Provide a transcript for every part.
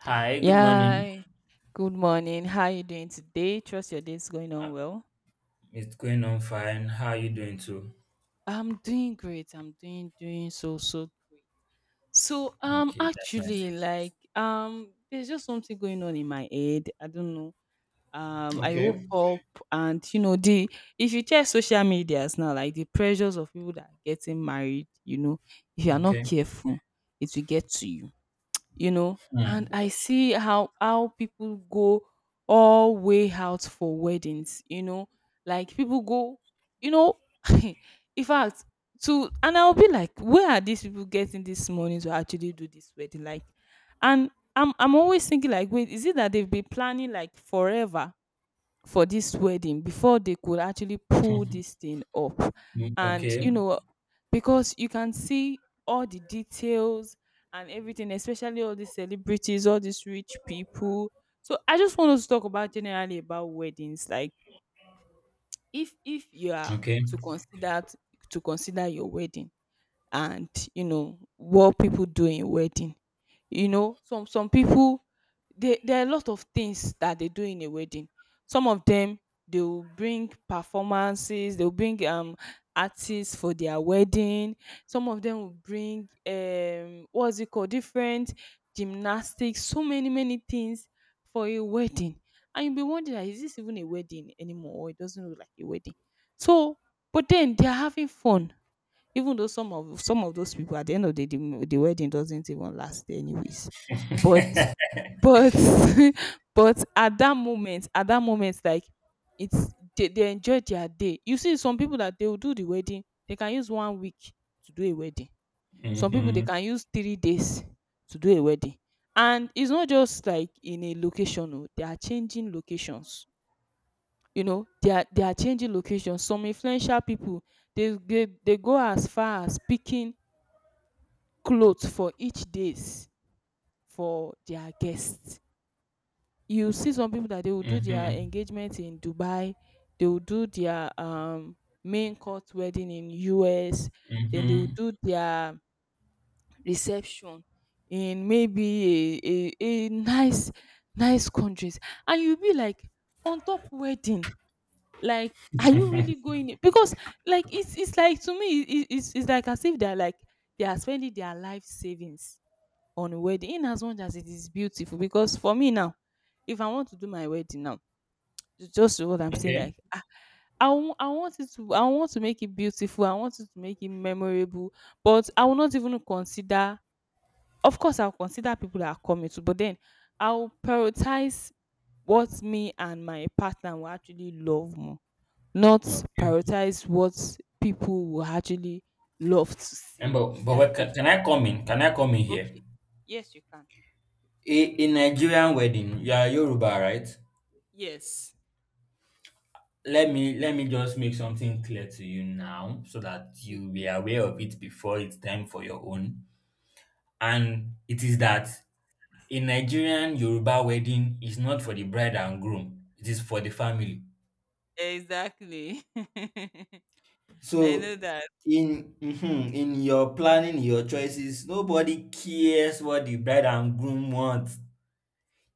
Hi, good morning. Yeah. Good morning. How are you doing today? Trust your day is going Uh, on well. It's going on fine. How are you doing too? I'm doing great. I'm doing doing so so so Okay, that's nice. actually like there's just something going on in my head. I don't know. I woke Okay. up and you know the if you check social medias now, like the pressures of people that are getting married, you know, if you are not Okay. careful, it will get to you. You know, and Mm. I see how people go all way out for weddings, you know, like people go, you know, in fact, to, and I'll be like, where are these people getting this money to actually do this wedding, like, and I'm always thinking like, wait, is it that they've been planning like forever for this wedding before they could actually pull this thing up? Mm, And, okay. you know, because you can see all the details and everything, especially all these celebrities, all these rich people. So I just want us to talk about generally about weddings. Like, if you are Okay. to consider, your wedding, and you know what people do in wedding, you know, some people, they there are a lot of things that they do in a wedding. Some of them, they will bring performances, they will bring artists for their wedding. Some of them will bring, what's it called, different gymnastics, so many many things for a wedding. And you'll be wondering, "Ah, is this even a wedding anymore, or it doesn't look like a wedding?" So, but then they're having fun, even though some of those people at the end of the day, the wedding doesn't even last anyways. But but but at that moment, like it's, they enjoy their day. You see, some people that they will do the wedding, they can use 1 week to do a wedding. Some people they Mm-hmm. can use 3 days to do a wedding. And it's not just like in a location, oh, they are changing locations. You know, they are changing locations. Some influential people, they go as far as picking cloth for each days for their guests. You see some people that they will do their Mm-hmm. engagement in Dubai, they will do their main court wedding in US, then they will Mm-hmm. do their reception in maybe a nice, countries. And you'll be like, on top wedding, like, are you really going? Because like it's like, to me, it's like as if they're like they are spending their life savings on wedding, in as much as it is beautiful. Because for me now, if I want to do my wedding now, ju- just what I'm saying, Okay. like, ah, I want it to, I want to make it beautiful. I want it to make it memorable. But I will not even consider, of course I'll consider people that are coming to, but then I'll prioritize what me and my partner will actually love more, not Okay. prioritize what people will actually love to And see that day. can, Can I come in here? Okay. Yes, you can. A Nigerian wedding. You are Yoruba, right? Yes. Let me just make something clear to you now so that you be Okay. aware of it before it's time for your own. And it is that a Nigerian Yoruba wedding is not for the bride and groom, it is for the family. Exactly. I know So that. in mhm, in your planning, your choices, nobody cares what the bride and groom want.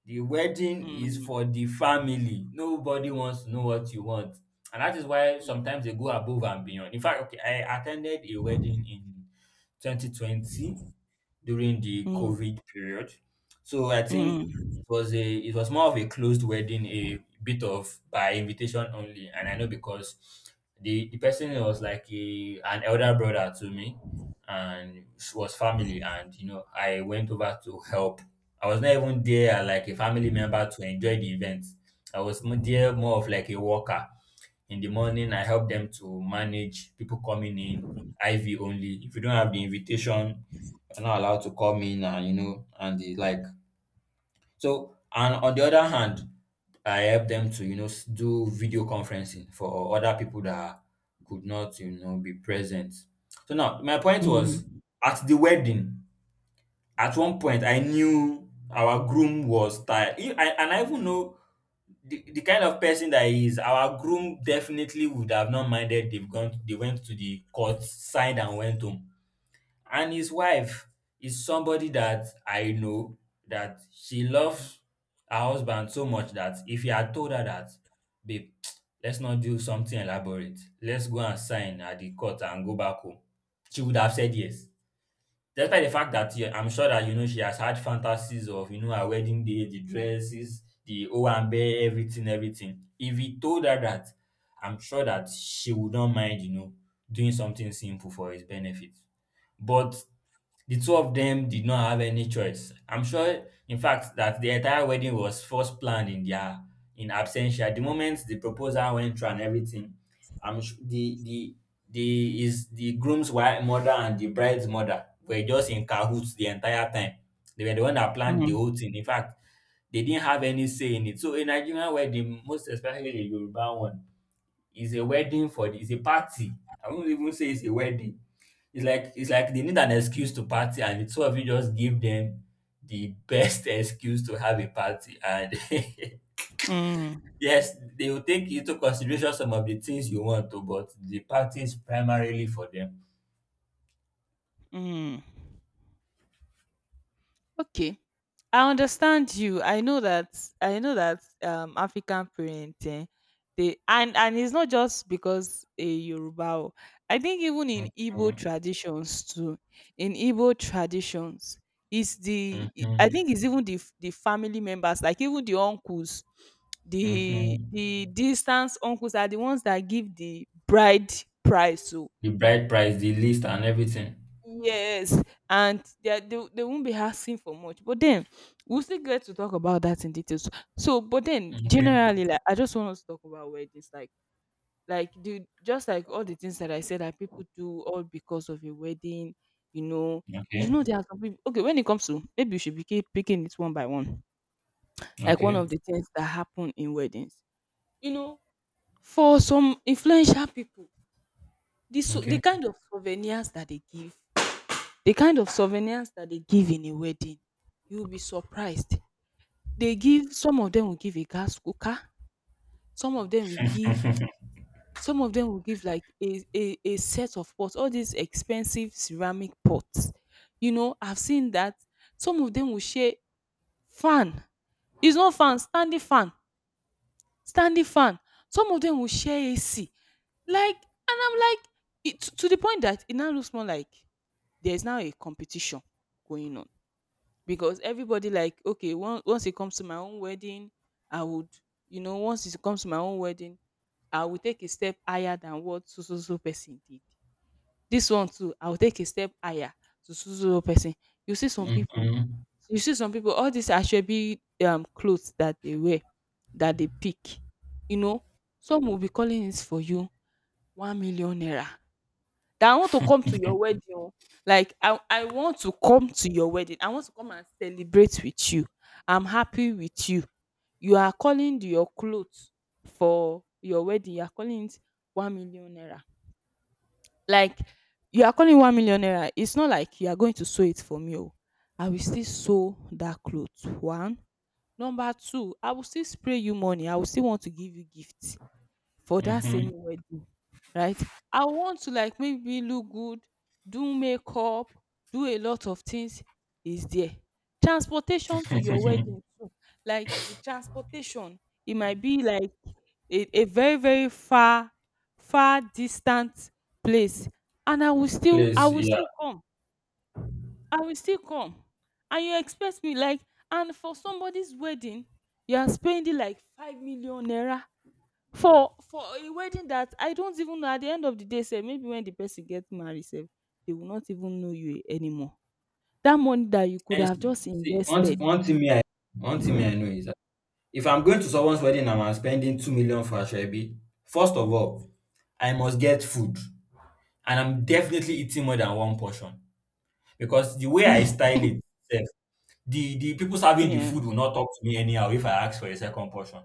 The wedding is Mm, for the family. Nobody wants to know what you want. And that is why mm, sometimes they go above and beyond. In fact, okay, I attended a wedding in 2020 during the mm, COVID period. So I think it mm, was a it was more of a closed wedding, a bit of by invitation only. And I know because the person was like a an elder brother to me and she was family and you know I went over to help. I was not even there as like a family member to enjoy the event. I was there more of like a worker. In the morning, I helped them to manage people coming in, IV only. If you don't have the invitation, you're not allowed to come in and you know and the like. So and on the other hand, I help them to you know do video conferencing for other people that could not you know be present. So now my point was mm, at the wedding. At one point, I knew our groom was tired, and I even know the kind of person that he is. Our groom definitely would have not minded. They went to the court, signed, and went home. And his wife is somebody that I know that she loves her husband so much that if he had told her that, babe, let's not do something elaborate. Let's go and sign at the court and go back home. She would have said yes. Despite the fact that yeah, I'm sure that you know she has had fantasies of you know her wedding day, the dresses, the owambe, everything, everything. If he told her that, I'm sure that she would not mind, you know, doing something simple for his benefit. But the two of them did not have any choice. I'm sure, in fact, that the entire wedding was first planned in their in absentia. The moment the proposal went through and everything, I'm su- the is the groom's wife mother and the bride's mother were just in cahoots the entire time. They were the one that planned the mm, whole thing. In fact, they didn't have any say in it. So a Nigerian wedding, most especially a Yoruba one, is a wedding for is a party. I won't even say it's a wedding, it's like they need an excuse to party, and the two of you just give them the best excuse to have a party. And mm, yes, they will take into consideration some of the things you want to, but the party is primarily for them. mm. Okay. I understand you. I know that, African parenting, they, and it's not just because a Yoruba. O. I think even in Igbo Mhm, traditions too, in Igbo traditions, it's the, I mhm, think it's even the the family members, like even the uncles, mhm. the distant uncles are the ones that give the bride price. So The bride price, the list, and everything. yes, and they won't be asking for much. But then we'll still get to talk about that in details. So, but then Okay. generally, like I just want us to talk about weddings, like the just like all the things that I said that people do all because of a wedding. You know, you Okay. know there are some people. Okay, when it comes to, maybe you should be picking it one by one. Like one of Okay. the things that happen in weddings. You know, for some influential people, the Okay. kind of souvenirs that they give, The kind of souvenirs that they give in a wedding, you'll be surprised. They give, some of them will give a gas cooker, some of them will give some of them will give like a set of pots, all these expensive ceramic pots. You know, I've seen that some of them will share fan. It's not fan, standing fan, standing fan. Some of them will share AC. Like, and I'm like, it, to the point that it now looks more like there's now a competition going on. Because everybody like, okay, once it comes to my own wedding, I would, you know once it comes to my own wedding I will take a step higher than what so so so person did. This one too, I will take a step higher to so so so person. You see some people, Mhm, all these ashwebi clothes that they wear, that they pick you know, some will be calling it for you, 1,000,000 naira. That I want to come to your wedding, oh. Like I want to come to your wedding. I want to come and celebrate with you. I'm happy with you. You are calling your clothes for your wedding, you are calling it 1,000,000 naira. Like you are calling 1,000,000 naira, it's not like you are going to sew it for me, oh. I will still sew that cloth, one. Number two, I will still spray you money. I will still want to give you gift for that mhm. same wedding, right? I want to like maybe look good, do makeup, do a lot of things, is there. Transportation to your wedding too. Like the transportation, it might be like a very, very far, distant place. And I Please, will yeah. still come. I will still come. And you expect me like, and for somebody's wedding, you are spending like 5,000,000 naira for a wedding that I don't even know, at the end of the day, sef, maybe when the person get married, sef, they will not even know you anymore. That money that you could And have just see, one, th- invested. one thing me I one thing me I know is if I'm going to someone's wedding and I'm spending 2 million for Ashwebi, first of all, I must get food. And I'm definitely eating more than one portion. Because the way I style it sef, the people serving the Yeah. food will not talk to me anyhow if I ask for a second portion.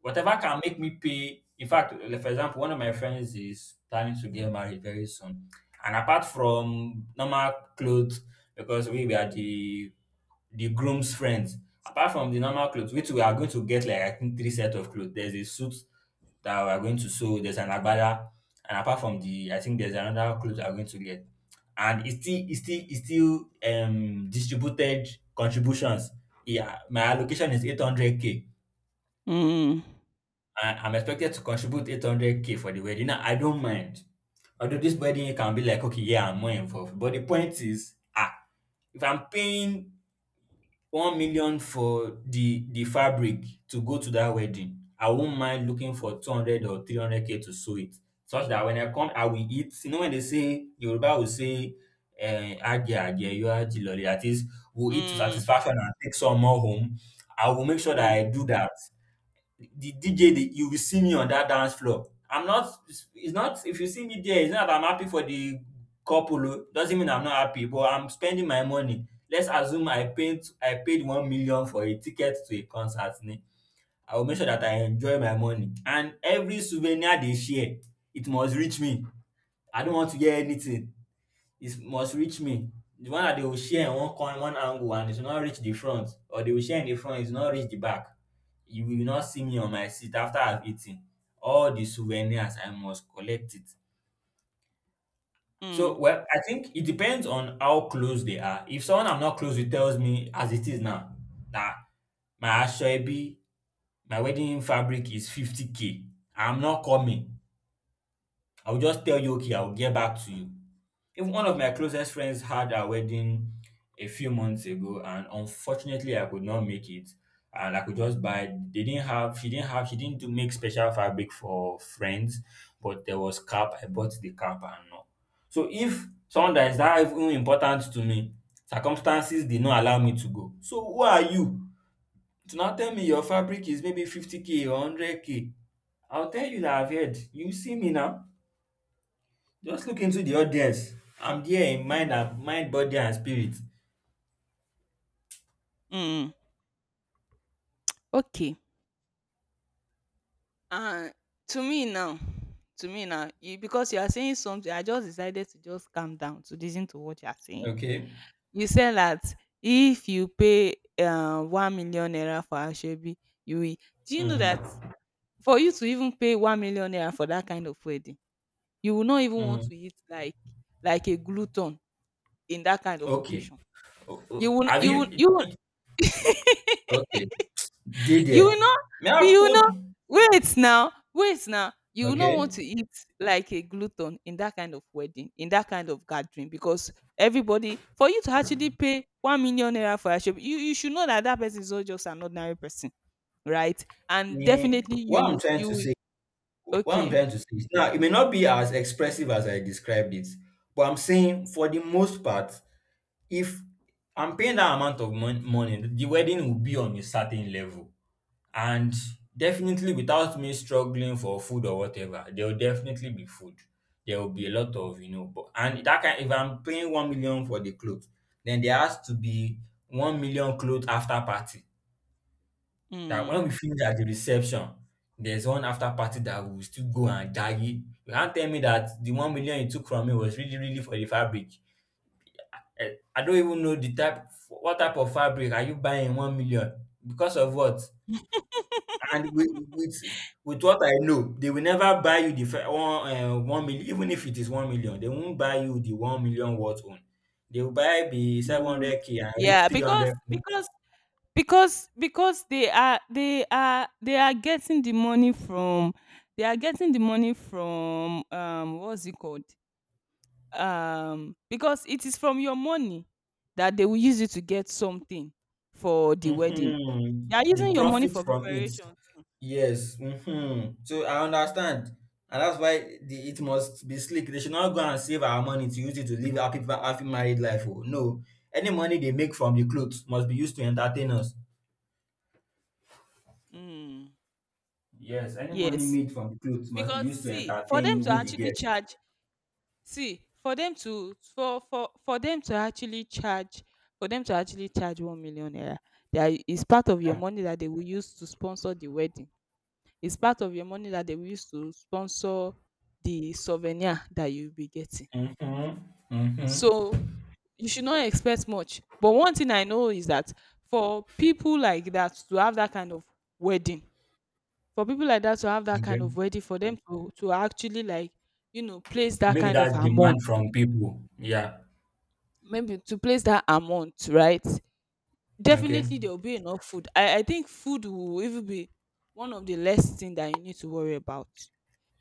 Whatever can make me pay. In fact, like, for example, one of my friends is planning to get married very soon. And apart from normal clothes, because we were the groom's friends, apart from the normal clothes, which we are going to get like I think three set of clothes. There's a suit that we are going to sew, there's an agbada, and apart from the I think there's another clothes we are going to get. And it's still distributed contributions, yeah, my allocation is 800k. Mm. I'm expected to contribute 800k for the wedding. Now, I don't mind. Although this wedding can be like, okay, yeah, I'm more involved. But the point is, ah, if I'm paying 1 million for the fabric to go to that wedding, I won't mind looking for 200 or 300k to sew it. Such that when I come, I will eat. You know, when they say Yoruba will say, eh, "Aje, aje, yo, aje, lolly," that is, we'll eat to Mm. satisfaction and take some more home. I will make sure that Mm. I do that. The DJ, you will see me on that dance floor. I'm not, it's not, if you see me there, it's not that I'm happy for the couple. Oh. Doesn't mean I'm not happy, but I'm spending my money. Let's assume I paid 1 million for a ticket to a concert. Ni. I will make sure that I enjoy my money. And every souvenir they share, it must reach me. I don't want to hear anything, it must reach me. The one that they will share in one corner, one angle, and it will not reach the front, or they will share in the front, it will not reach the back. You will not see me on my seat after I've eaten. All the souvenirs, I must collect it. So, Mm. well, I think it depends on how close they are. If someone I'm not close with tells me, as it is now, that my aṣọ ẹbí, my wedding fabric is 50k, I'm not coming. I will just tell you, okay, I will get back to you. Even one of my closest friends had her wedding a few months ago, and unfortunately, I could not make it. And I could just buy. They didn't have. She didn't have. She didn't do make special fabric for friends, but there was cap. I bought the cap and all. So if someone that is that even important to me, circumstances did not allow me to go. So who are you to now tell me your fabric is maybe 50 k or 100 k? I'll tell you that I've heard. You see me now. Just look into the audience. I'm there in mind, and mind, body, and spirit. Mm. Okay. uh, to me now to me now, you, because you are saying something, I just decided to just calm down to listen to what you are saying. Okay. You said that if you pay, 1,000,000 naira for asoebi, you will, do you know that? Mm. For you to even pay 1,000,000 naira for that kind of wedding, you will not even want Mm. to eat like a glutton in that kind of Okay. occasion. You will n- Have you will you? you will Okay. Did you there? will not, May I have you will told? not wait now, You will not want Okay. to eat like a glutton in that kind of wedding, in that kind of gathering, because everybody, for you to actually pay 1,000,000 naira for a asoebi, you should know that that person is not just an ordinary person, right? And Eh, definitely What I'm trying you to will, say. What I'm okay. trying to say is now it may not be as expressive as I described it, but I'm saying for the most part, if I'm paying that amount of money, the wedding will be on a certain level. And definitely, without me struggling for food or whatever, there will definitely be food. There will be a lot of, you know, but and that can if I'm paying 1 million for the clothes, then there has to be 1 million clothes after party. That Mm. when we finish at the reception, there's one after party that we will still go and jaggy. You can't tell me that the 1 million you took from me was really, really for the fabric. Eh, I don't even know the type, what type of fabric are you buying in 1 million? Because of what? And with what I know, they will never buy you the 1,000,000. Even if it is 1,000,000, they won't buy you the 1,000,000 worth own. They will buy the Mm. 700K and reap Yeah, because, 300. because they are, they are getting the money from, what's it called, because it is from your money that they will use it to get something for the wedding. Mhm. They are The using your money profit for from it. preparation too. Yes. Mhm. So I understand. And that's why it must be slick. They should not go and save our money to use it to live happy happy married life. Oh. No. Any money they make from the clothes must be used to entertain us. Mm. Yes, any money Yes, made from the clothes must be because, used to see, for them entertain to with the actually guests. charge, See, for them to actually charge for them to actually charge 1,000,000 naira, there is part of your Yeah. money that they will use to sponsor the wedding. It's part of your money that they will use to sponsor the souvenir that you'll be getting. Mm-hmm. Mm-hmm. So you should not expect much. But one thing I know is that for people like that to have that kind of wedding, for people like that to have that Okay. kind of wedding, for them to, actually like, you know, place that Make kind of that amount, demand from people. Yeah. maybe to place that amount, right? Okay. Definitely there will be enough food. I think food will even be one of the less thing that you need to worry about.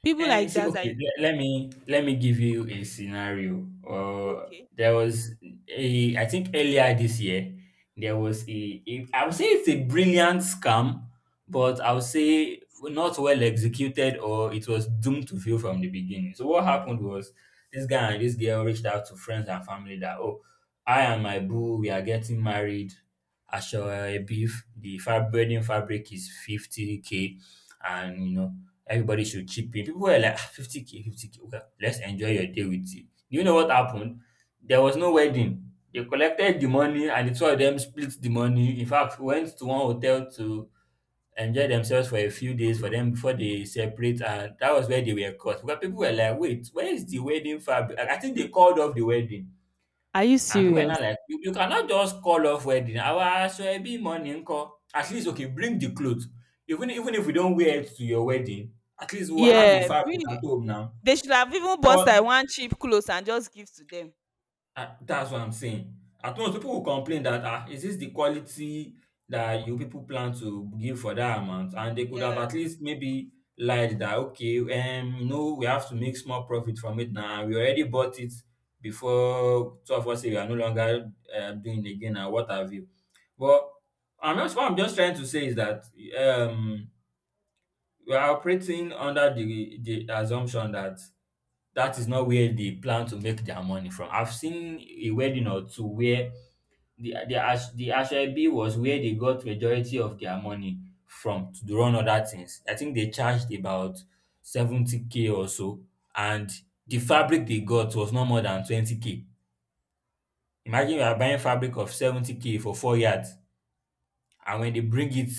People And you like see, that are okay, let me give you a scenario. Okay. There was a I think earlier this year there was a I would say it's a brilliant scam, but I would say not well executed or it was doomed to fail from the beginning. So what happened was this guy and this girl reached out to friends and family that oh, I and my boo we are getting married. Ashore beef. The fab wedding fabric is 50 k, and you know everybody should chip in. People were like, "Ah, 50K, 50K. Okay, let's enjoy your day with you." You know what happened? There was no Mm. wedding. They collected the money and the two of them split the money. In fact, went to one hotel to enjoy themselves for a few days for them before they separate. And that was where they were caught. Because people were like, wait, where is the wedding fabric? I think they called off the wedding Are you and we are not serious? like, you cannot just call off wedding. Our be morning call. At least okay, bring the clothes. Even if we don't wear it to your wedding, at least we'll have a Yeah, fabric bring. at home now. They should have even bought But like one cheap clothes and just give to them. ah, that's what I'm saying. At once, people will complain that, ah, is this the quality that you people plan to give for that amount? And they could have Yeah, at least maybe lied that, okay, no, we have to make small profit from it now. We already bought it before two of us say we are no longer doing it again and what have you. But what I'm just trying to say is that um, we are operating under the assumption that that is not where they plan to make their money from. I've seen a wedding or two where the asoebi was where they got majority of their money from to run other things. I think they charged about 70 k or so, and the fabric they got was not more than 20 k. Imagine you are buying fabric of 70 k for four yards, and when they bring it,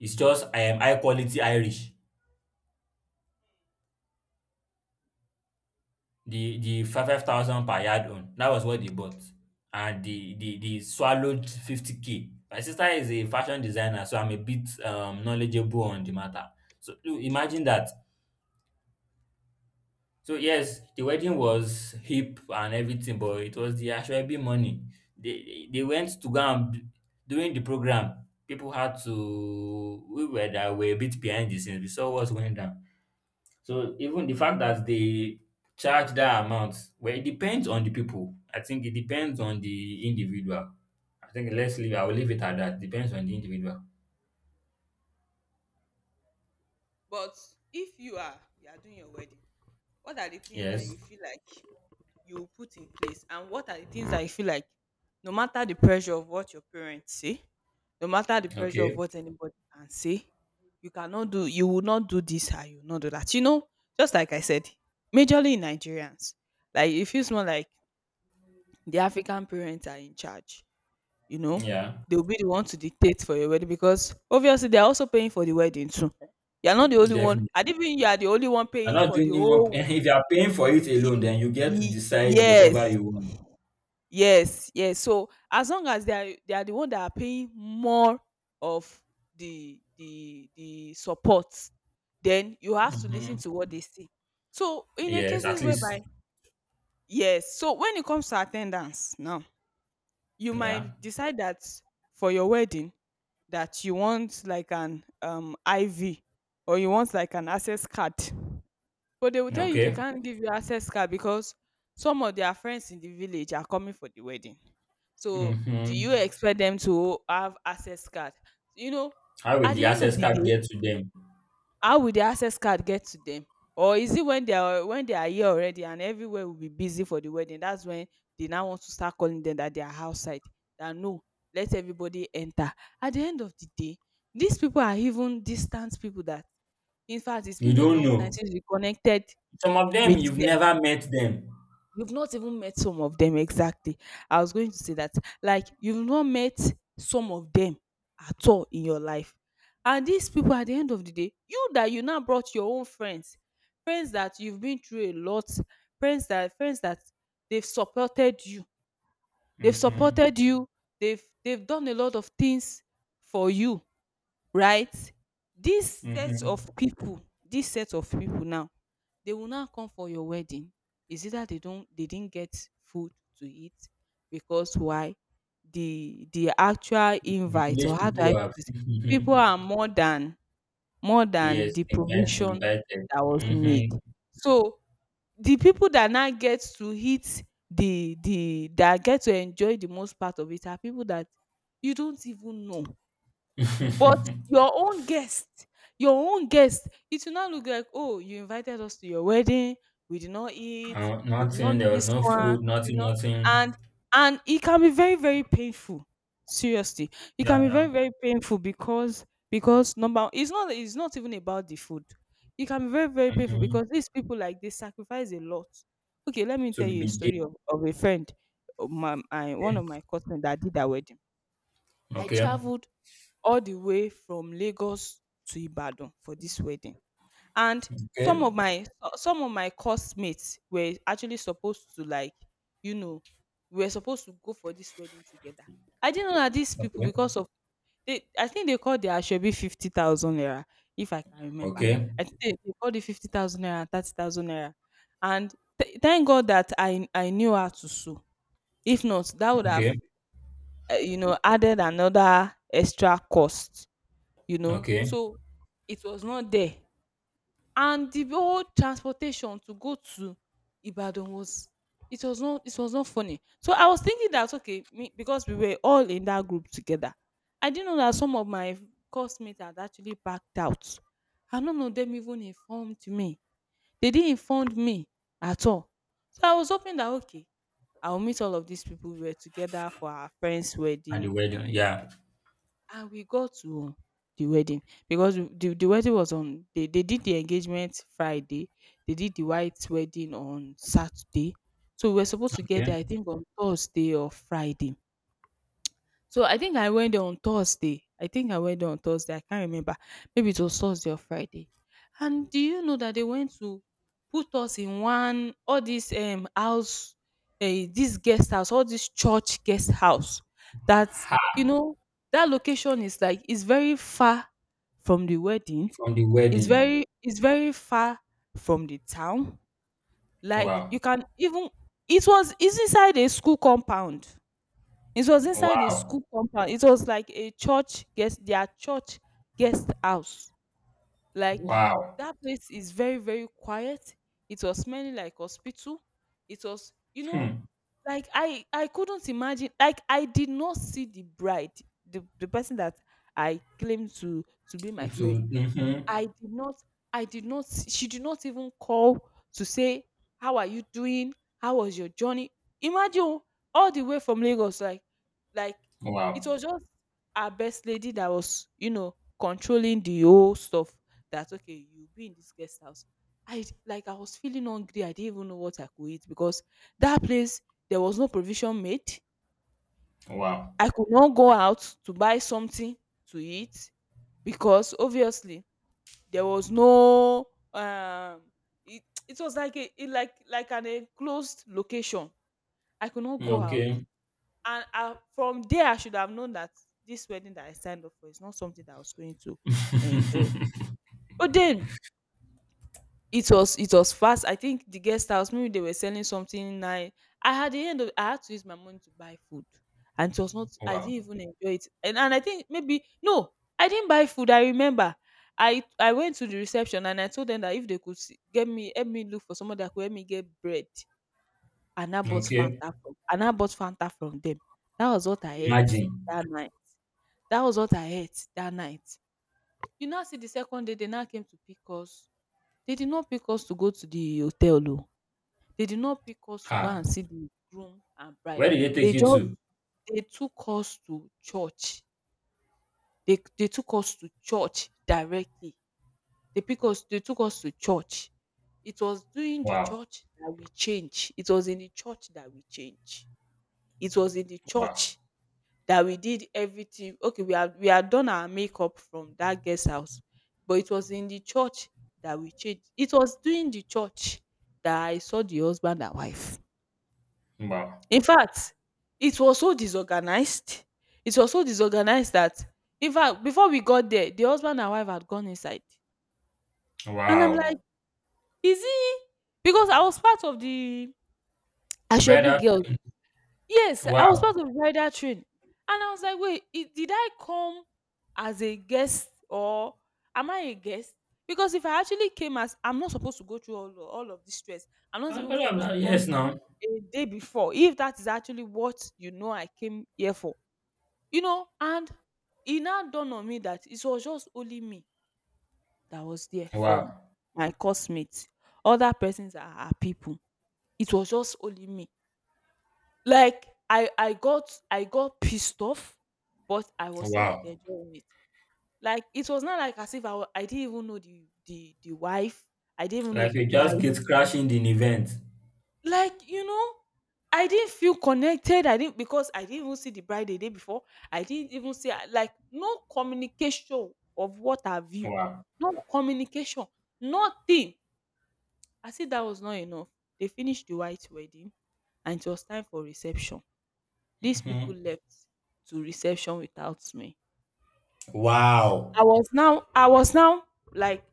it's just high quality Irish. The five thousand per yard own, that was what they bought, and they swallowed 50k. My sister is a fashion designer, so I'm a bit knowledgeable on the matter. So you imagine that. So yes, the wedding was hip and everything, but it was the Ashwebi money. They went to go and during the program, people had to we were that were a bit behind the scenes. We saw what's going down. So even the fact that they charge that amount, well, it depends on the people. I think it depends on the individual. I think let's leave. I will leave it at that. Depends on the individual. but if you are doing your wedding, what are the things that Yes. you feel like? You put in place, and what are the things that you feel like, no matter the pressure of what your parents say, no matter the pressure of Okay. what anybody can say, you cannot do? You will not do this, and you will not do that, you know? Just like I said, majorly Nigerians, like, it feels more like the African parents are in charge, you know. Yeah. They'll be the one to dictate for your wedding because obviously they're also paying for the wedding too. You're not the only one. Definitely. I didn't mean you are the only one You're paying not for the doing it one- whole. if you are paying for it Ye- alone, then you get to ye- decide yes, whatever you want. Yes, yes. So as long as they are the one that are paying more of the support, then you have to listen Hmm. to what they say. So in a Yes, at cases whereby, least. yes, so when it comes to attendance now, you Yeah. might decide that for your wedding, that you want like an IV, or you want like an access card, but they will tell you they Okay. can't give you access card because some of their friends in the village are coming for the wedding. So Hmm. do you expect them to have access card? You know, How will at the the end of access the card day, get to them? how will the access card get to them? Or is it when they are here already and everywhere will be busy for the wedding? That's when they now want to start calling them that they are outside. That no, let everybody enter. At the end of the day, these people are even distant people that, in fact, it's You been a don't long time know. since we connected Some of them with you've them. never met them. You've not even met some of them exactly. I was going to say that, like, you've not met some of them at all in your life. And these people, at the end of the day, you that you now brought your own friends, friends that you've been through a lot, friends that they've supported you, they've Hmm. supported you, they've done a lot of things for you, right? This set of Hmm. people, this set of people now, they will now come for your wedding. It's either they don't they didn't get food to eat because why? The actual The invite, village or how do I people are put it? mhm. People are more than Yes, the again provision invited. that was made. Hmm. So the people that now get to eat, the that get to enjoy the most part of it are people that you don't even know. But your own guest, your own guest, it will not look like, "Oh, you invited us to your wedding, we did not eat, we did nothing. not do There was this no one, food. you Nothing. know." Nothing. And and it can be very, very painful. Seriously. It Yeah. can be Yeah. very, very painful because number, it's not even about the food. It can be very, very painful Hmm. because these people, like, they sacrifice a lot. Okay, let me To tell you a be story of a friend, of my, my one dated. of my cousins that did that wedding. I Okay. traveled all the way from Lagos to Ibadan for this wedding. And some Okay. of my some of my course mates were actually supposed to, like, you know, we were supposed to go for this wedding together. I didn't know that these people Okay. because of they I think they called their Ashebi 50,000 naira, if I can remember. Okay. I think they called it 50,000 naira and 30,000 naira. And thank God that I knew how to sew. If not, that would have Okay. You know, added another extra cost, you know. Okay. So it was not there. And the whole transportation to go to Ibadan was, it was not, it was not funny. So I was thinking that, okay, me, because we were all in that group together. I didn't know that some of my classmates had actually backed out. I don't know them even informed me. They didn't inform me at all. So I was hoping that, okay, I will meet all of these people. We were together for our friend's At the wedding, wedding. Yeah. and we got to the wedding because the wedding was on, they did the engagement Friday, they did the white wedding on Saturday. So we were supposed to get Okay. there, I think, on Thursday or Friday. So I think I went there on Thursday. I think I went there on Thursday. I can't remember. Maybe it was Thursday or Friday. And do you know that they went to put us in one all this house, this guest house, all this church guest house. That, Ha. you know, that location is like, it's very far from the wedding. From the It's wedding. very, it's very far from the town. Like, Wow. you can even, it was, it's inside a school compound. It was inside a Wow. school compound. It was like a church guest, their church guest house. Like, Wow. that place is very, very quiet. It was smelling like hospital. It was, you know, Hmm. like, I couldn't imagine. Like, I did not see the bride, the person that I claimed to be my To. friend. Hmm. I did not, I did not, she did not even call to say, "How are you doing? How was your journey?" Imagine, oh, all the way from Lagos, like, it Wow. was just our best lady that was, you know, controlling the whole stuff that, okay, you'll be in this guest house. I, like, I was feeling hungry. I didn't even know what I could eat because that place, there was no provision made. Wow. I could not go out to buy something to eat because obviously there was no um it was like a it, like an enclosed location. I could not go out. Okay. And I, from there, I should have known that this wedding that I signed up for is not something that I was going to enjoy. But then it was fast. I think the guest house, maybe they were selling something nice. I had the end of i had to use my money to buy food. And it was not, I Wow. didn't even enjoy it. And I think maybe no, I didn't buy food. I remember I went to the reception and I told them that if they could see, get me, help me look for somebody that could help me get bread. Okay, And I bought fanta from them. That was what I ate imagine. that night. That was what I ate that night. You now see, the second day they now came to pick us. They did not pick us to go to the hotel o. They did not pick us to go and Ha! see the groom and bride. Where did they take They you just, to? they took us to church. They took us to church directly. They took us to church. It was during the Wow, church that we change. It was in the church that we change. It was in the wow, church that we did everything. Okay, we had, we had done our makeup from that guest house, but it was in the church that we changed. It was during the church that I saw the husband and wife. wow, In fact, it was so disorganized. It was so disorganized that, in fact, before we got there, the husband and wife had gone inside. And I'm like, wow. is he, because I was part of the Ashebi Brother, girls. Yes, I was wow. part of the rider train. And I was like, wait, did I come as a guest, or am I a guest? Because if I actually came as, I'm not supposed to go through all of this stress. I'm not Oh, even no, supposed no, to come yes, now. a day before. If that is actually what, you know, I came here for. You know, and it now dawned on me that it was just only me that was there from Wow, my classmates. Other persons are people. It was just only me. Like, I got pissed off, but I was still, like, wow. enjoying it. Like, it was not like as if, I didn't even know the wife. I didn't even know Like the you bride. just get crashing in the event. Like, you know, I didn't feel connected. I didn't, because I didn't even see the bride the day before. I didn't even see, like, no communication of what have you. Wow. No communication. Nothing. I said that was not enough. They finished the white wedding, and it was time for reception. These Mhm. people left to reception without me. Wow. I was now like,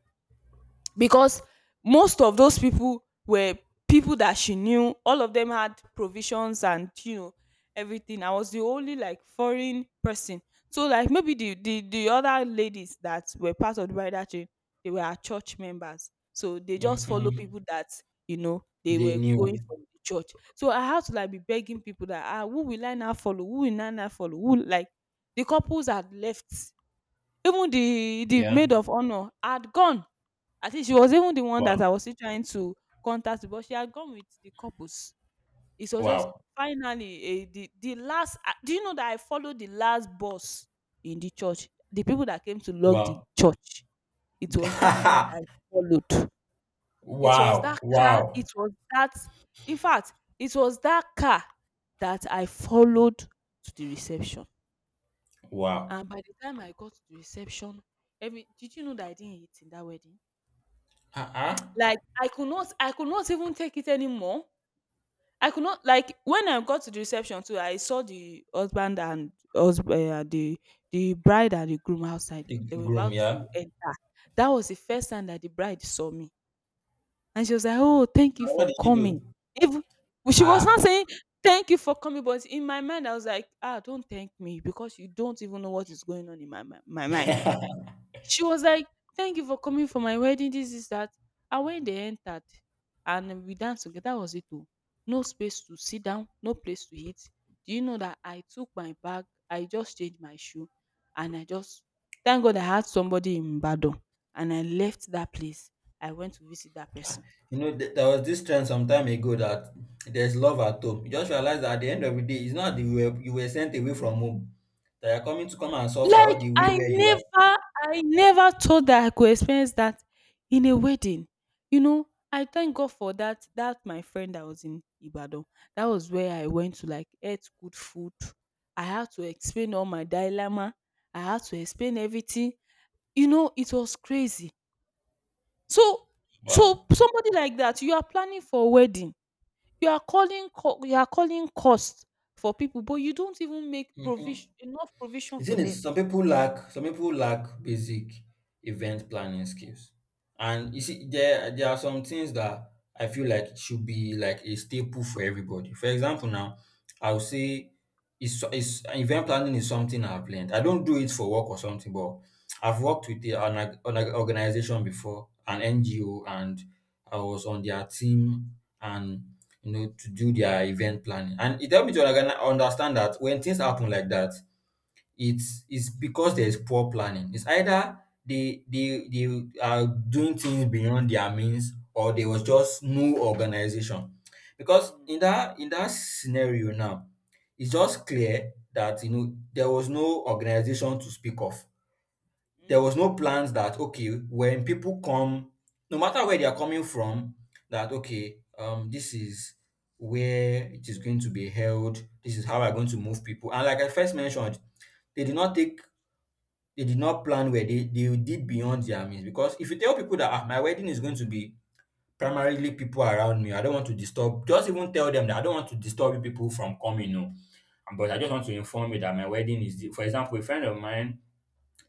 because most of those people were people that she knew. All of them had provisions and, you know, everything. I was the only, like, foreign person. So, like, maybe the other ladies that were part of the bridal train, they were our church members. So they just follow Mhm. people that, you know, they They were going knew. from the church. So I had to, like, be begging people that, ah, who will I now follow? Who will I now follow? Who, like, the couples had left. Even the Yeah. maid of honor had gone. At least she was even the one Wow. that I was still trying to contact, but she had gone with the couples. It was just Wow. finally a, the last. Ah, do you know that I followed the last boss in the church? The people that came to lock the Wow. church. It was that car that I followed. It was Wow. that car. It Wow. was that. In fact, it was that car that I followed to the reception. Wow. And by the time I got to the reception, every did you know that I didn't eat in that wedding? Uh-uh. Like, I could not even take it anymore. I could not like, when I got to the reception too, I saw the husband and husband, eh, the bride and the groom outside. The They were groom, about to yeah. enter. That was the first time that the bride saw me, and she was like, "Oh, thank you Now, what for did you coming." do? Even she was not Ah. saying, "Thank you for coming," but in my mind, I was like, "Ah, don't thank me because you don't even know what is going on in my mind." She was like, "Thank you for coming for my wedding. This is that." And when they entered, and we danced together, that was it. Oh, no space to sit down, no place to eat. Do you know that I took my bag, I just changed my shoe, and I just thank God I had somebody in Badon, and I left that place. I went to visit that person. You know, there was this trend some time ago that there's love at home. You just realize that at the end of the day, it's not that you were sent away from home. They are coming to come and suffer all Like the way where you are. I never thought that I could experience that in a wedding. You know, I thank God for that that my friend that was in Ibadan. That was where I went to like eat good food. I had to explain all my dilemma. I had to explain everything. You know, it was crazy. So so Wow. somebody like that, you are planning for a wedding. You are calling you are calling cost for people, but you don't even make provision Mhm. enough provision The for thing them. is, some people lack basic event planning skills, and you see, there are some things that I feel like should be like a staple for everybody. For example, now I would say is event planning is something I've learned. I don't do it for work or something, but I've worked with an organization before, an NGO, and I was on their team and you know to do their event planning. And it helped me to like, understand that when things happen like that, it's because there's poor planning. It's either they are doing things beyond their means or there was just no organization. Because in that scenario now, it's just clear that you know there was no organization to speak of. There was no plans that okay, when people come, no matter where they are coming from, that okay, this is where it is going to be held, this is how I'm going to move people. And like I first mentioned, they did not take they did not plan where they did beyond their means. Because if you tell people that, ah, my wedding is going to be primarily people around me, I don't want to disturb, just even tell them that I don't want to disturb you people from coming, no. But I just want to inform you that my wedding is the, for example, a friend of mine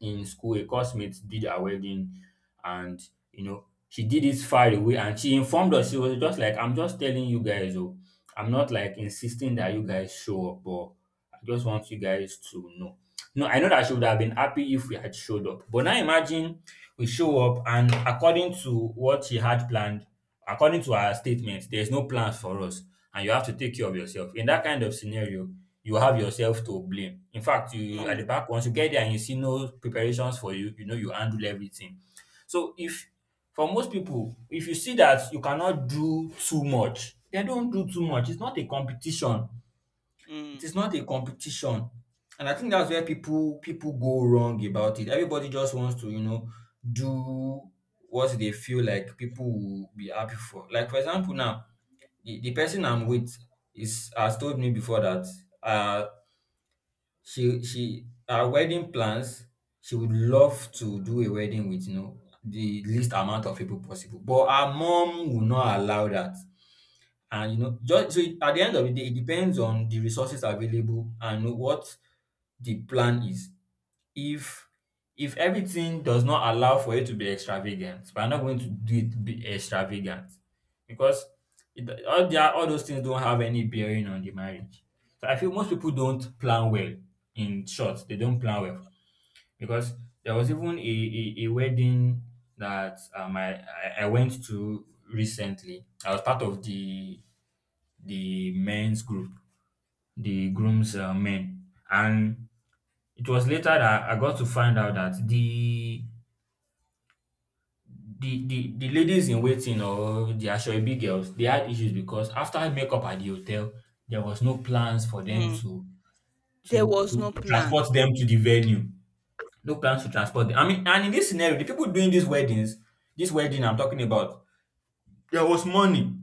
in school, a classmate did her wedding, and you know she did it far away, and she informed us. She was just like, "I'm just telling you guys, oh, I'm not like insisting that you guys show up, but I just want you guys to know." No, I know that she would have been happy if we had showed up, but now imagine we show up, and according to what she had planned, according to her statement, there's no plans for us, and you have to take care of yourself. In that kind of scenario, you have yourself to blame. In fact, you at the Mm, back, once you get there and you see no preparations for you, you know you handle everything. So if for most people, if you see that you cannot do too much, then don't do too much. It's not a competition. It mm, is not a competition. And I think that's where people go wrong about it. Everybody just wants to, you know, do what they feel like people will be happy for. Like for example, now the person I'm with is has told me before that uh she, her wedding plans, she would love to do a wedding with, you know, the least amount of people possible, but her mom would not allow that. And, you know, just so at the end of mm. the day, it depends on the resources available and what the plan is. If if everything does not allow for you to be extravagant, but I'm not going to do it be extravagant, because it, all those things don't have any bearing on the marriage. So I feel most people don't plan well. In short, they don't plan well. Because there was even a wedding that I went to recently. I was part of the men's group, the groom's men. And it was later that I got to find out that the ladies in waiting, or the asoebi girls, they had issues because after makeup at the hotel, there was no plans for them Mm. to There was to no plan. transport them to the venue. No plans to transport them. I mean, and in this scenario, the people doing these weddings, this wedding I'm talking about, there was money.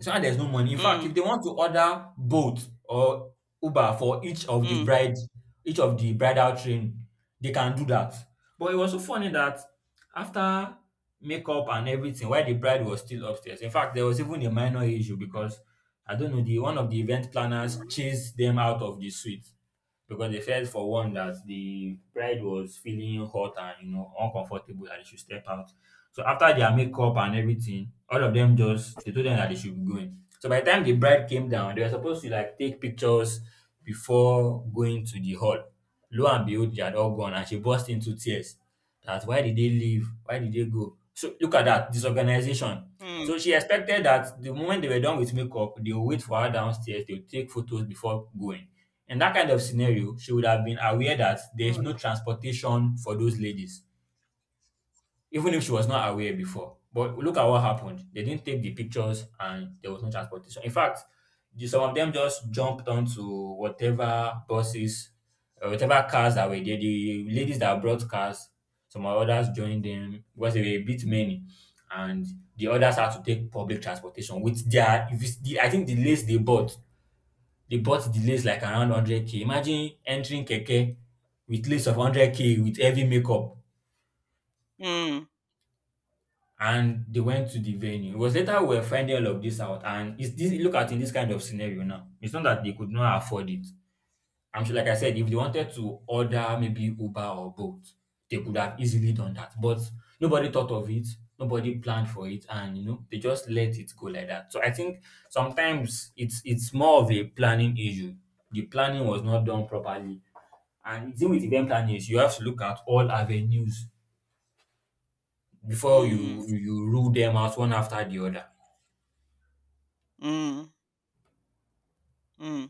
So not there's no money. In fact, if Mm. they want to order Bolt or Uber for each of the Mm. bride, each of the bridal train, they can do that. But it was so funny that after makeup and everything, while the bride was still upstairs. In fact, there was even a minor issue because I don't know, the one of the event planners chased them out of the suite because they felt for one that the bride was feeling hot and you know uncomfortable that they should step out. So after their makeup and everything, all of them just they told them that they should be going. So by the time the bride came down, they were supposed to like take pictures before going to the hall. Lo and behold, they had all gone and she burst into tears. That why did they leave? Why did they go? So look at that disorganization. Mm. So she expected that the moment they were done with makeup, they'll wait for her downstairs, they'll take photos before going. In that kind of scenario, she would have been aware that there is no Mm. transportation for those ladies, even if she was not aware before. But look at what happened. They didn't take the pictures and there was no transportation. In fact, some of them just jumped onto whatever buses, whatever cars that were there. The ladies that brought cars, some others joined them because they were a bit many. And the others had to take public transportation with their, if it's the, I think they bought the lace like around 100k. Imagine entering Keke with lace of 100K with heavy makeup Mm. and they went to the venue. It was later we were finding all of this out and it's this look at in this kind of scenario now. It's not that they could not afford it. I'm sure like I said, if they wanted to order maybe Uber or Bolt, they could have easily done that. But nobody thought of it, nobody planned for it, and they just let it go like that. So I think sometimes it's more of a planning issue. The planning was not done properly. And the, with event planning is you have to look at all avenues before Mm. Mm. you rule them out one after the other. Mm. Mm.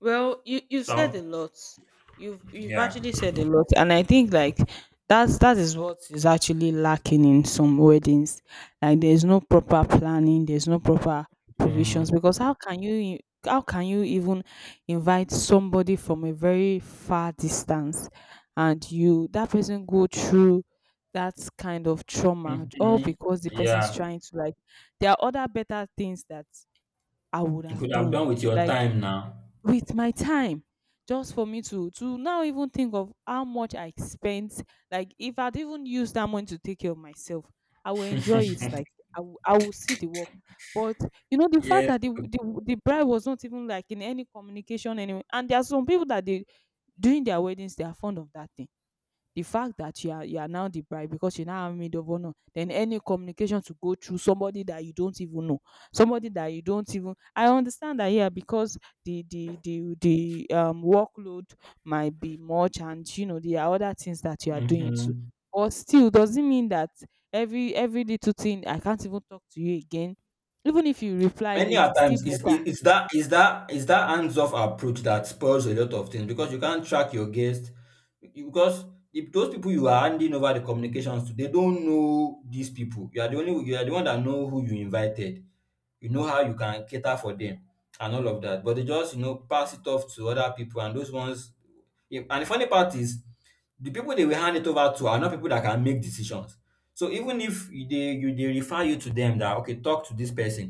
Well, you said So a lot. You've yeah. actually said a lot, and I think like that's that is what is actually lacking in some weddings. Like there's no proper planning, there's no proper Mm, provisions. Because how can you even invite somebody from a very far distance and you that person go through that kind of trauma all mhm. because the person is Yeah. trying to like there are other better things that I would You have could have done done with your like time now. with my time, just for me to now even think of how much I spent. Like if I'd even used that money to take care of myself, I will enjoy it. Like I will see the work. But you know the fact Yes. that the bride was not even like in any communication anyway, and there are some people that they during their weddings they are fond of that thing, the fact that you are now the bride, because you now have maid of honor then any communication to go through somebody that you don't even know, somebody that you don't even, I understand that here because the workload might be much and you know there are other things that you are doing too, Mhm. but still doesn't mean that every little thing I can't even talk to you again. Even if you reply Many late a it's still times it's it better. it's that hands-off approach that spoils a lot of things because you can't track your guest. Because if those people you are handing over the communications to, they don't know these people. You are the one that know who you invited. You know how you can cater for them and all of that. But they just, pass it off to other people and those ones, yeah, and the funny part is the people they will hand it over to are not people that can make decisions. So even if you- they you they refer you to them that okay, talk to this person,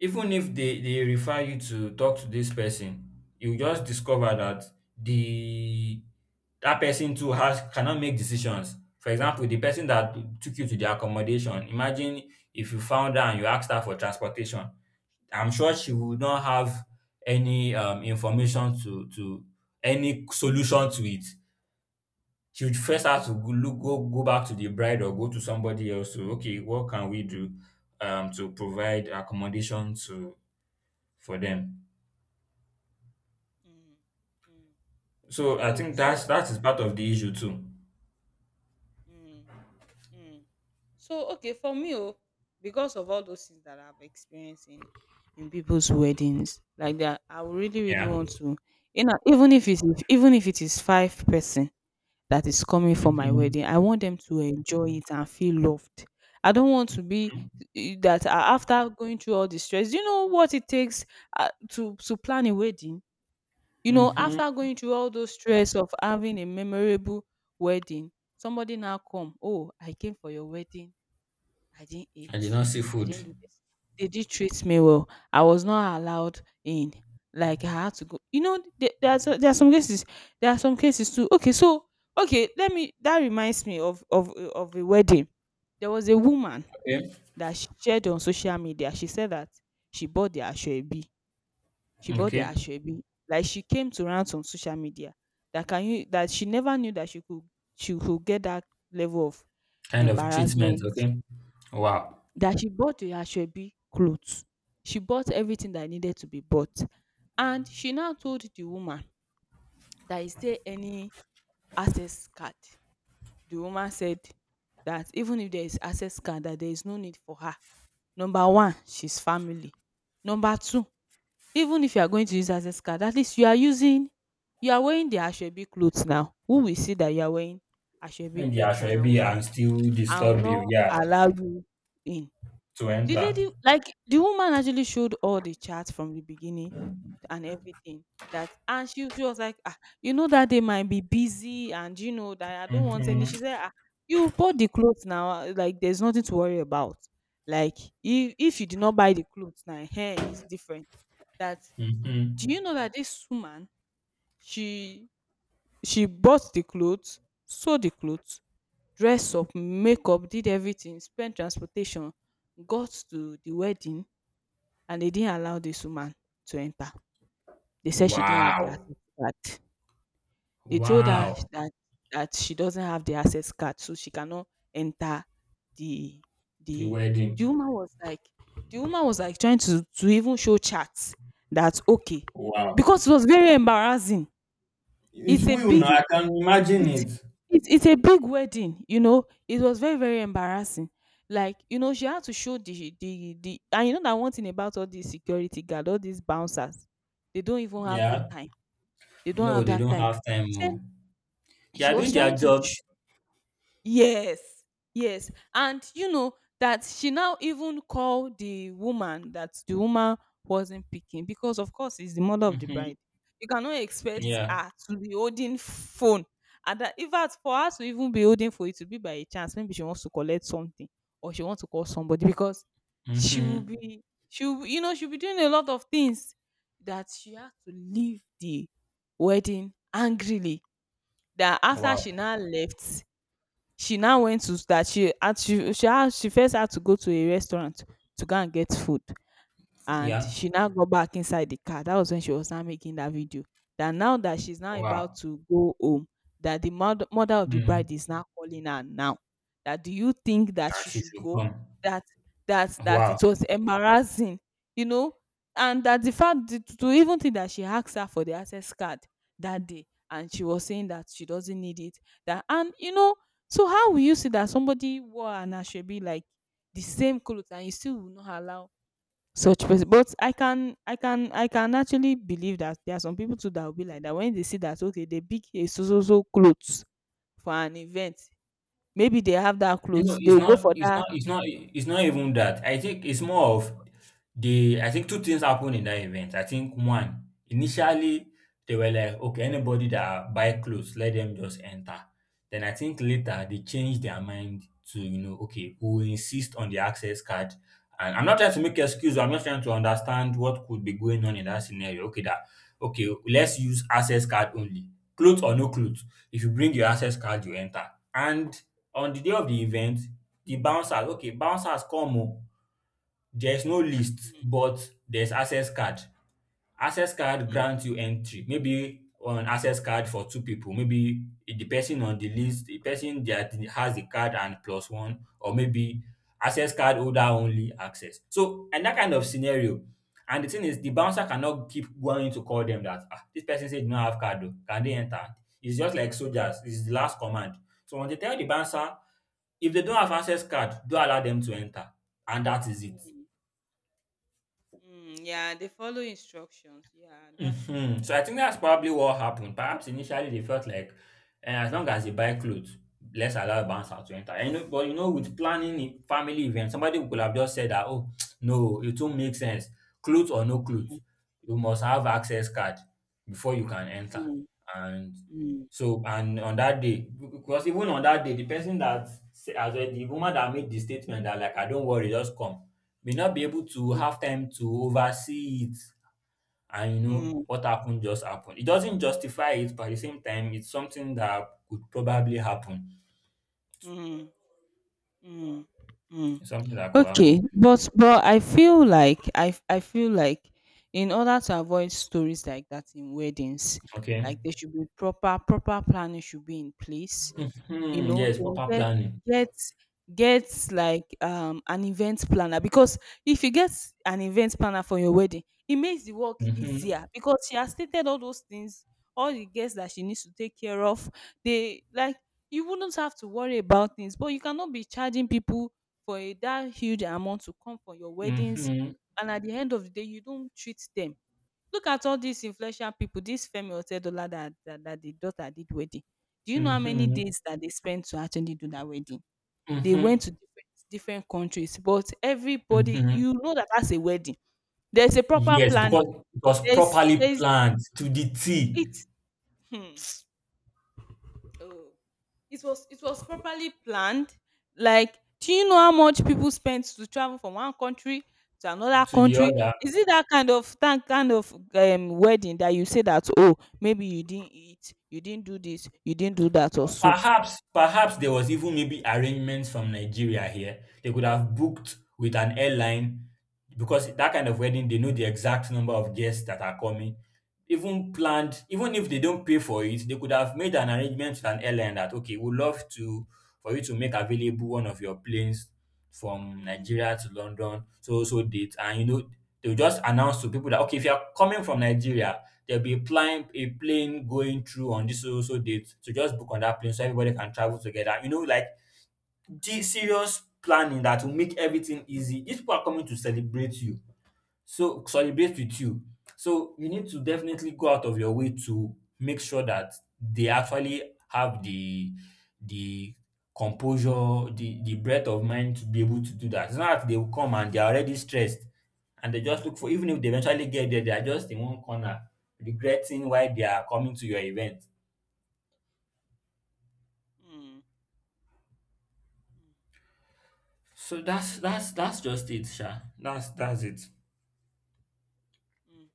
even if they refer you to talk to this person, you just discover that the that person too has cannot make decisions. For example, the person that took you to the accommodation, imagine if you found her and you asked her for transportation. I'm sure she would not have any Mm, information to any solution to it. She would first have to go look go go back to the bride or go to somebody else to okay, what can we do, to provide accommodation to for them. mm, mm. So I So think so that's that is part of the issue too. mm, mm. So okay for me, oh, because of all those things that I've experienced in people's weddings like that, I would really really Yeah. want to, you know, even if it's even if it is five person that is coming for my Mhm. wedding, I want them to enjoy it and feel loved. I don't want to be after going through all the stress, do you know what it takes to plan a wedding. You know, Mhm. after going through all those stress of having a memorable wedding, somebody now come, oh, I came for your wedding, I didn't eat. I did not see I food. didn't do this. They did treat me well. I was not allowed in. Like I had to go. You know, there are there are some cases. There are some cases too. Okay, so okay, let me. That reminds me of of a wedding. There was a woman Okay. that she shared on social media. She said that she bought the ashwebi. She bought the Okay. ashwebi. Like she came to rant on social media that can you that she never knew that she could get that level of Kind of treatment. embarrassment. Okay. Wow. That she bought the Asoebi clothes. She bought everything that needed to be bought. And she now told the woman that is there any access card? The woman said that even if there is access card that there is no need for her. Number one, she's family. Number two, even if you are going to use access card, at least you are wearing the Asoebi clothes now. Who will see that you are wearing Asoebi When they are clothes and shabby and still I will disturb you. not Yeah. allow you in. To The enter. lady like, the woman actually showed all the charts from the beginning and everything that, and she was like, "Ah, you know that they might be busy and you know that I don't want any." Mhm. She said, "Ah, you bought the clothes now, ah, like there's nothing to worry about. Like if you did not buy the clothes now, hair is different." That Mhm. do you know that this woman, she she bought the clothes, sew the clothes, dress up, makeup, did everything, spent transportation, got to the wedding and they didn't allow this woman to enter. They said she didn't have the Wow. access card. They told her Wow. That she doesn't have the access card, so she cannot enter the The the the wedding. woman was like the woman was like trying to even show charts that okay Wow. because it was very embarrassing. It's It's a will big now. I can imagine it's it. It's a big wedding, you know. It was very, very embarrassing. Like, you know, she had to show the and you know that one thing about all these security guard, all these bouncers, they don't even have that Yeah. time. They don't No, have they that don't time. have time. She said No. They she are was doing trying their to sh- jobs. Yes, yes. And you know that she now even called the woman that the woman wasn't picking because of course it's the mother of the Mm-hmm. bride. You cannot expect Yeah. her to be holding phone. And that if fact for her to even be holding for it to be by a chance, maybe she wants to collect something or she wants to call somebody, because she will Mm-hmm. be she will, you know she'll be doing a lot of things that she has to leave the wedding angrily. That after she Wow. now left, she now went to that she first had to go to a restaurant to go and get food, and Yeah. she now got back inside the car. That was when she was now making that video. That now that she's now about Wow. to go home, that mother of the Mm. bride is now calling her now. That do you think that I she see. should So, go? That that wow. it was embarrassing, you know, and that the fact that, to even think that she asked her for the access card that day, and she was saying that she doesn't need it. That and you know, so how will you see that somebody wore an ashebi like the same clothes and you still will not allow such person. But I can actually believe that there are some people too that will be like that, when they see that okay they pick a so so so cloth for an event, maybe they have that You know, clothes, they will go for that. It's not even that. I think it's more of the. I think two things happened in that event. I think one, initially they were like, okay, anybody that buy clothes, let them just enter. Then I think later they changed their mind to, you know, okay, who insist on the access card. And I'm not trying to make excuse. I'm just trying to understand what could be going on in that Mm, scenario. Okay, that okay, let's use access card only, clothes or no clothes. If you bring your access card, you enter. And on the day of the event, the bouncers okay, bouncers come o. There's no list but there's access card. Access card grants you entry. Maybe on access card for two people, maybe the person on the list, the person that has the card and plus one, or maybe access card holder only access. So, in that kind of scenario, and the thing is the bouncer cannot keep going to call them that, dis person say dey no have card o, can they enter? It's just like soldiers, it's the last command. So once they tell the bouncer, if they don't have access card, don't allow them to enter, and that is it. mm, mm, yeah they follow instructions, yeah that's true. Mhm. So I think that's probably what happened. Perhaps initially they felt like, eh, as long as they buy clothes, let's allow bouncer to enter. You know, but you know, with planning a family event, somebody could have just said that, oh, no, it won't make sense. Clothes or no clothes, you must have access card before you can enter. And Mm, so, and on that day, because even on that day, the person that as well, the woman that made the statement that like, I don't worry, just come, may not be able to have time to oversee it, and you know mm, what happened just happened. It doesn't justify it, but at the same time, it's something that could probably happen. mm, mm, mm. It's something that could Okay, happen. But I feel like I feel like in order to avoid stories like that in weddings, like Okay. there should be proper, proper planning should be in place. You Hmm. know, Yes, then proper planning. get get like an event planner. Because if you get an event planner for your wedding it makes the work Hmm. easier, because she has stated all those things, all the guests that she needs to take care of, they like, you wouldn't have to worry about things. But you cannot be charging people for a that huge amount to come for your weddings Hmm. and at the end of the day you don't treat them. Look at all these influential people, this Femi Otedola that the daughter did wedding. Do you know how many Hmm. days that they spent to actually do that wedding? They Hmm. went to different, different countries, but everybody, Hmm. you know that that's a wedding. There's a proper Yes, planning. because it was properly There's, planned to the T, it. Oh, it was properly planned. Like, do you know how much people spend to travel from one country to another to the country? other. Is it that kind of wedding that you say that oh maybe you didn't eat, you didn't do this, you didn't do that or so? Perhaps, perhaps there was even maybe arrangements from Nigeria here. They could have booked with an airline because that kind of wedding, they know the exact number of guests that are coming. Even planned, even if they don't pay for it, they could have made an arrangement with an airline that okay, we'd love to, for you to make available one of your planes from Mm, Nigeria to London, so so date, and you know, they'll just announce to people that okay, if you are coming from Nigeria, there'll be a plane going through on this so so so date. So just book on that plane so everybody can travel together. You know, like the serious planning that will make everything easy. These people are coming to celebrate you. So solidate with you. So you need to definitely go out of your way to make sure that they actually have the composure, the breadth of mind to be able to do that. It's not that they will come and they are already stressed and they just look for, even if they eventually get there, they are just in one corner regretting why they are coming to your event. mm, mm. So See. Eh? That's just it, Sha. That's it. Mm.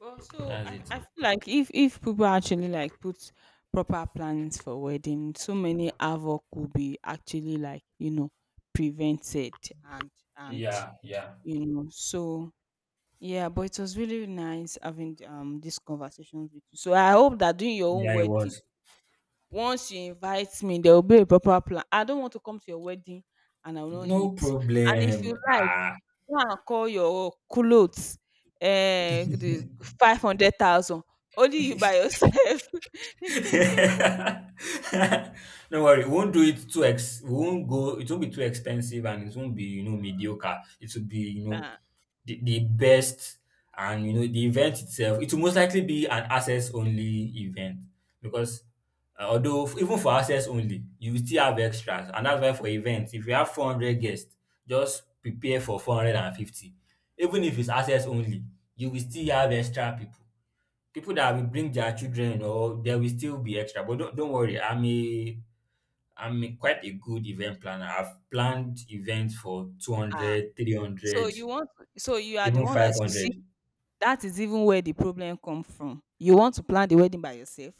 Well, so That's it. I feel like if people actually like put proper plans for wedding, so many havoc will be actually like you know prevented, and and Yeah, yeah. you know so yeah. But it was really nice having these conversations with you. So I hope that during your own Yeah, it wedding, was. once you invite me, there will be a proper plan. I don't want to come to your wedding and I will not No hit. And if problem. you like. Ah. Go and call your clothes, eh, the 500,000. Only you by yourself. Don't worry, we won't go it won't be too expensive and it won't be, you know, mediocre. It will be, you know, Ah, the best and, you know, the event itself, it will most likely be an access-only event because even for access only, you will still have extras, and that's why for events, if you have 400 guests, just prepare for 450. Even if it's access only, you will still have extra people, people that will bring their children or there will still be extra. But don't worry, quite a good event planner. I've planned events for two ah. hundred, three So hundred, you want so you are the even one that you see, 500. that is even where the problem comes from. You want to plan the wedding by yourself.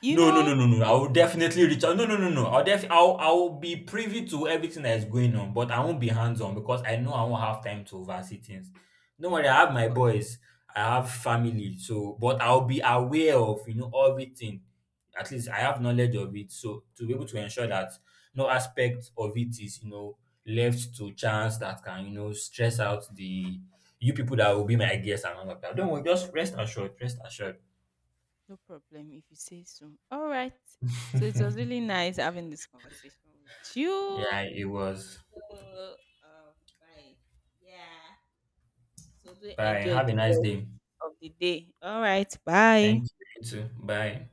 You No, no, know no, no, No. I will definitely reach out. No, No. I'll def I'll be privy to everything that is going on, but I won't be hands-on because I know I won't have time to oversee things. Don't worry, I have Of my course. boys, I have family, so but I'll be aware of, you know, everything. At least I have knowledge of it, so to be able to ensure that no aspect of it is, you know, left to chance that can, you know, stress out the you people that will be my guests and all of that. Don't worry, just rest assured, rest assured. No problem if you say so. All right. So it was really nice having this conversation with Yeah, you. it was. Uh, um, bye. Yeah. So do Bye. enjoy Have a the nice rest day. of the day. All right. Bye. Thank you. You too. Bye.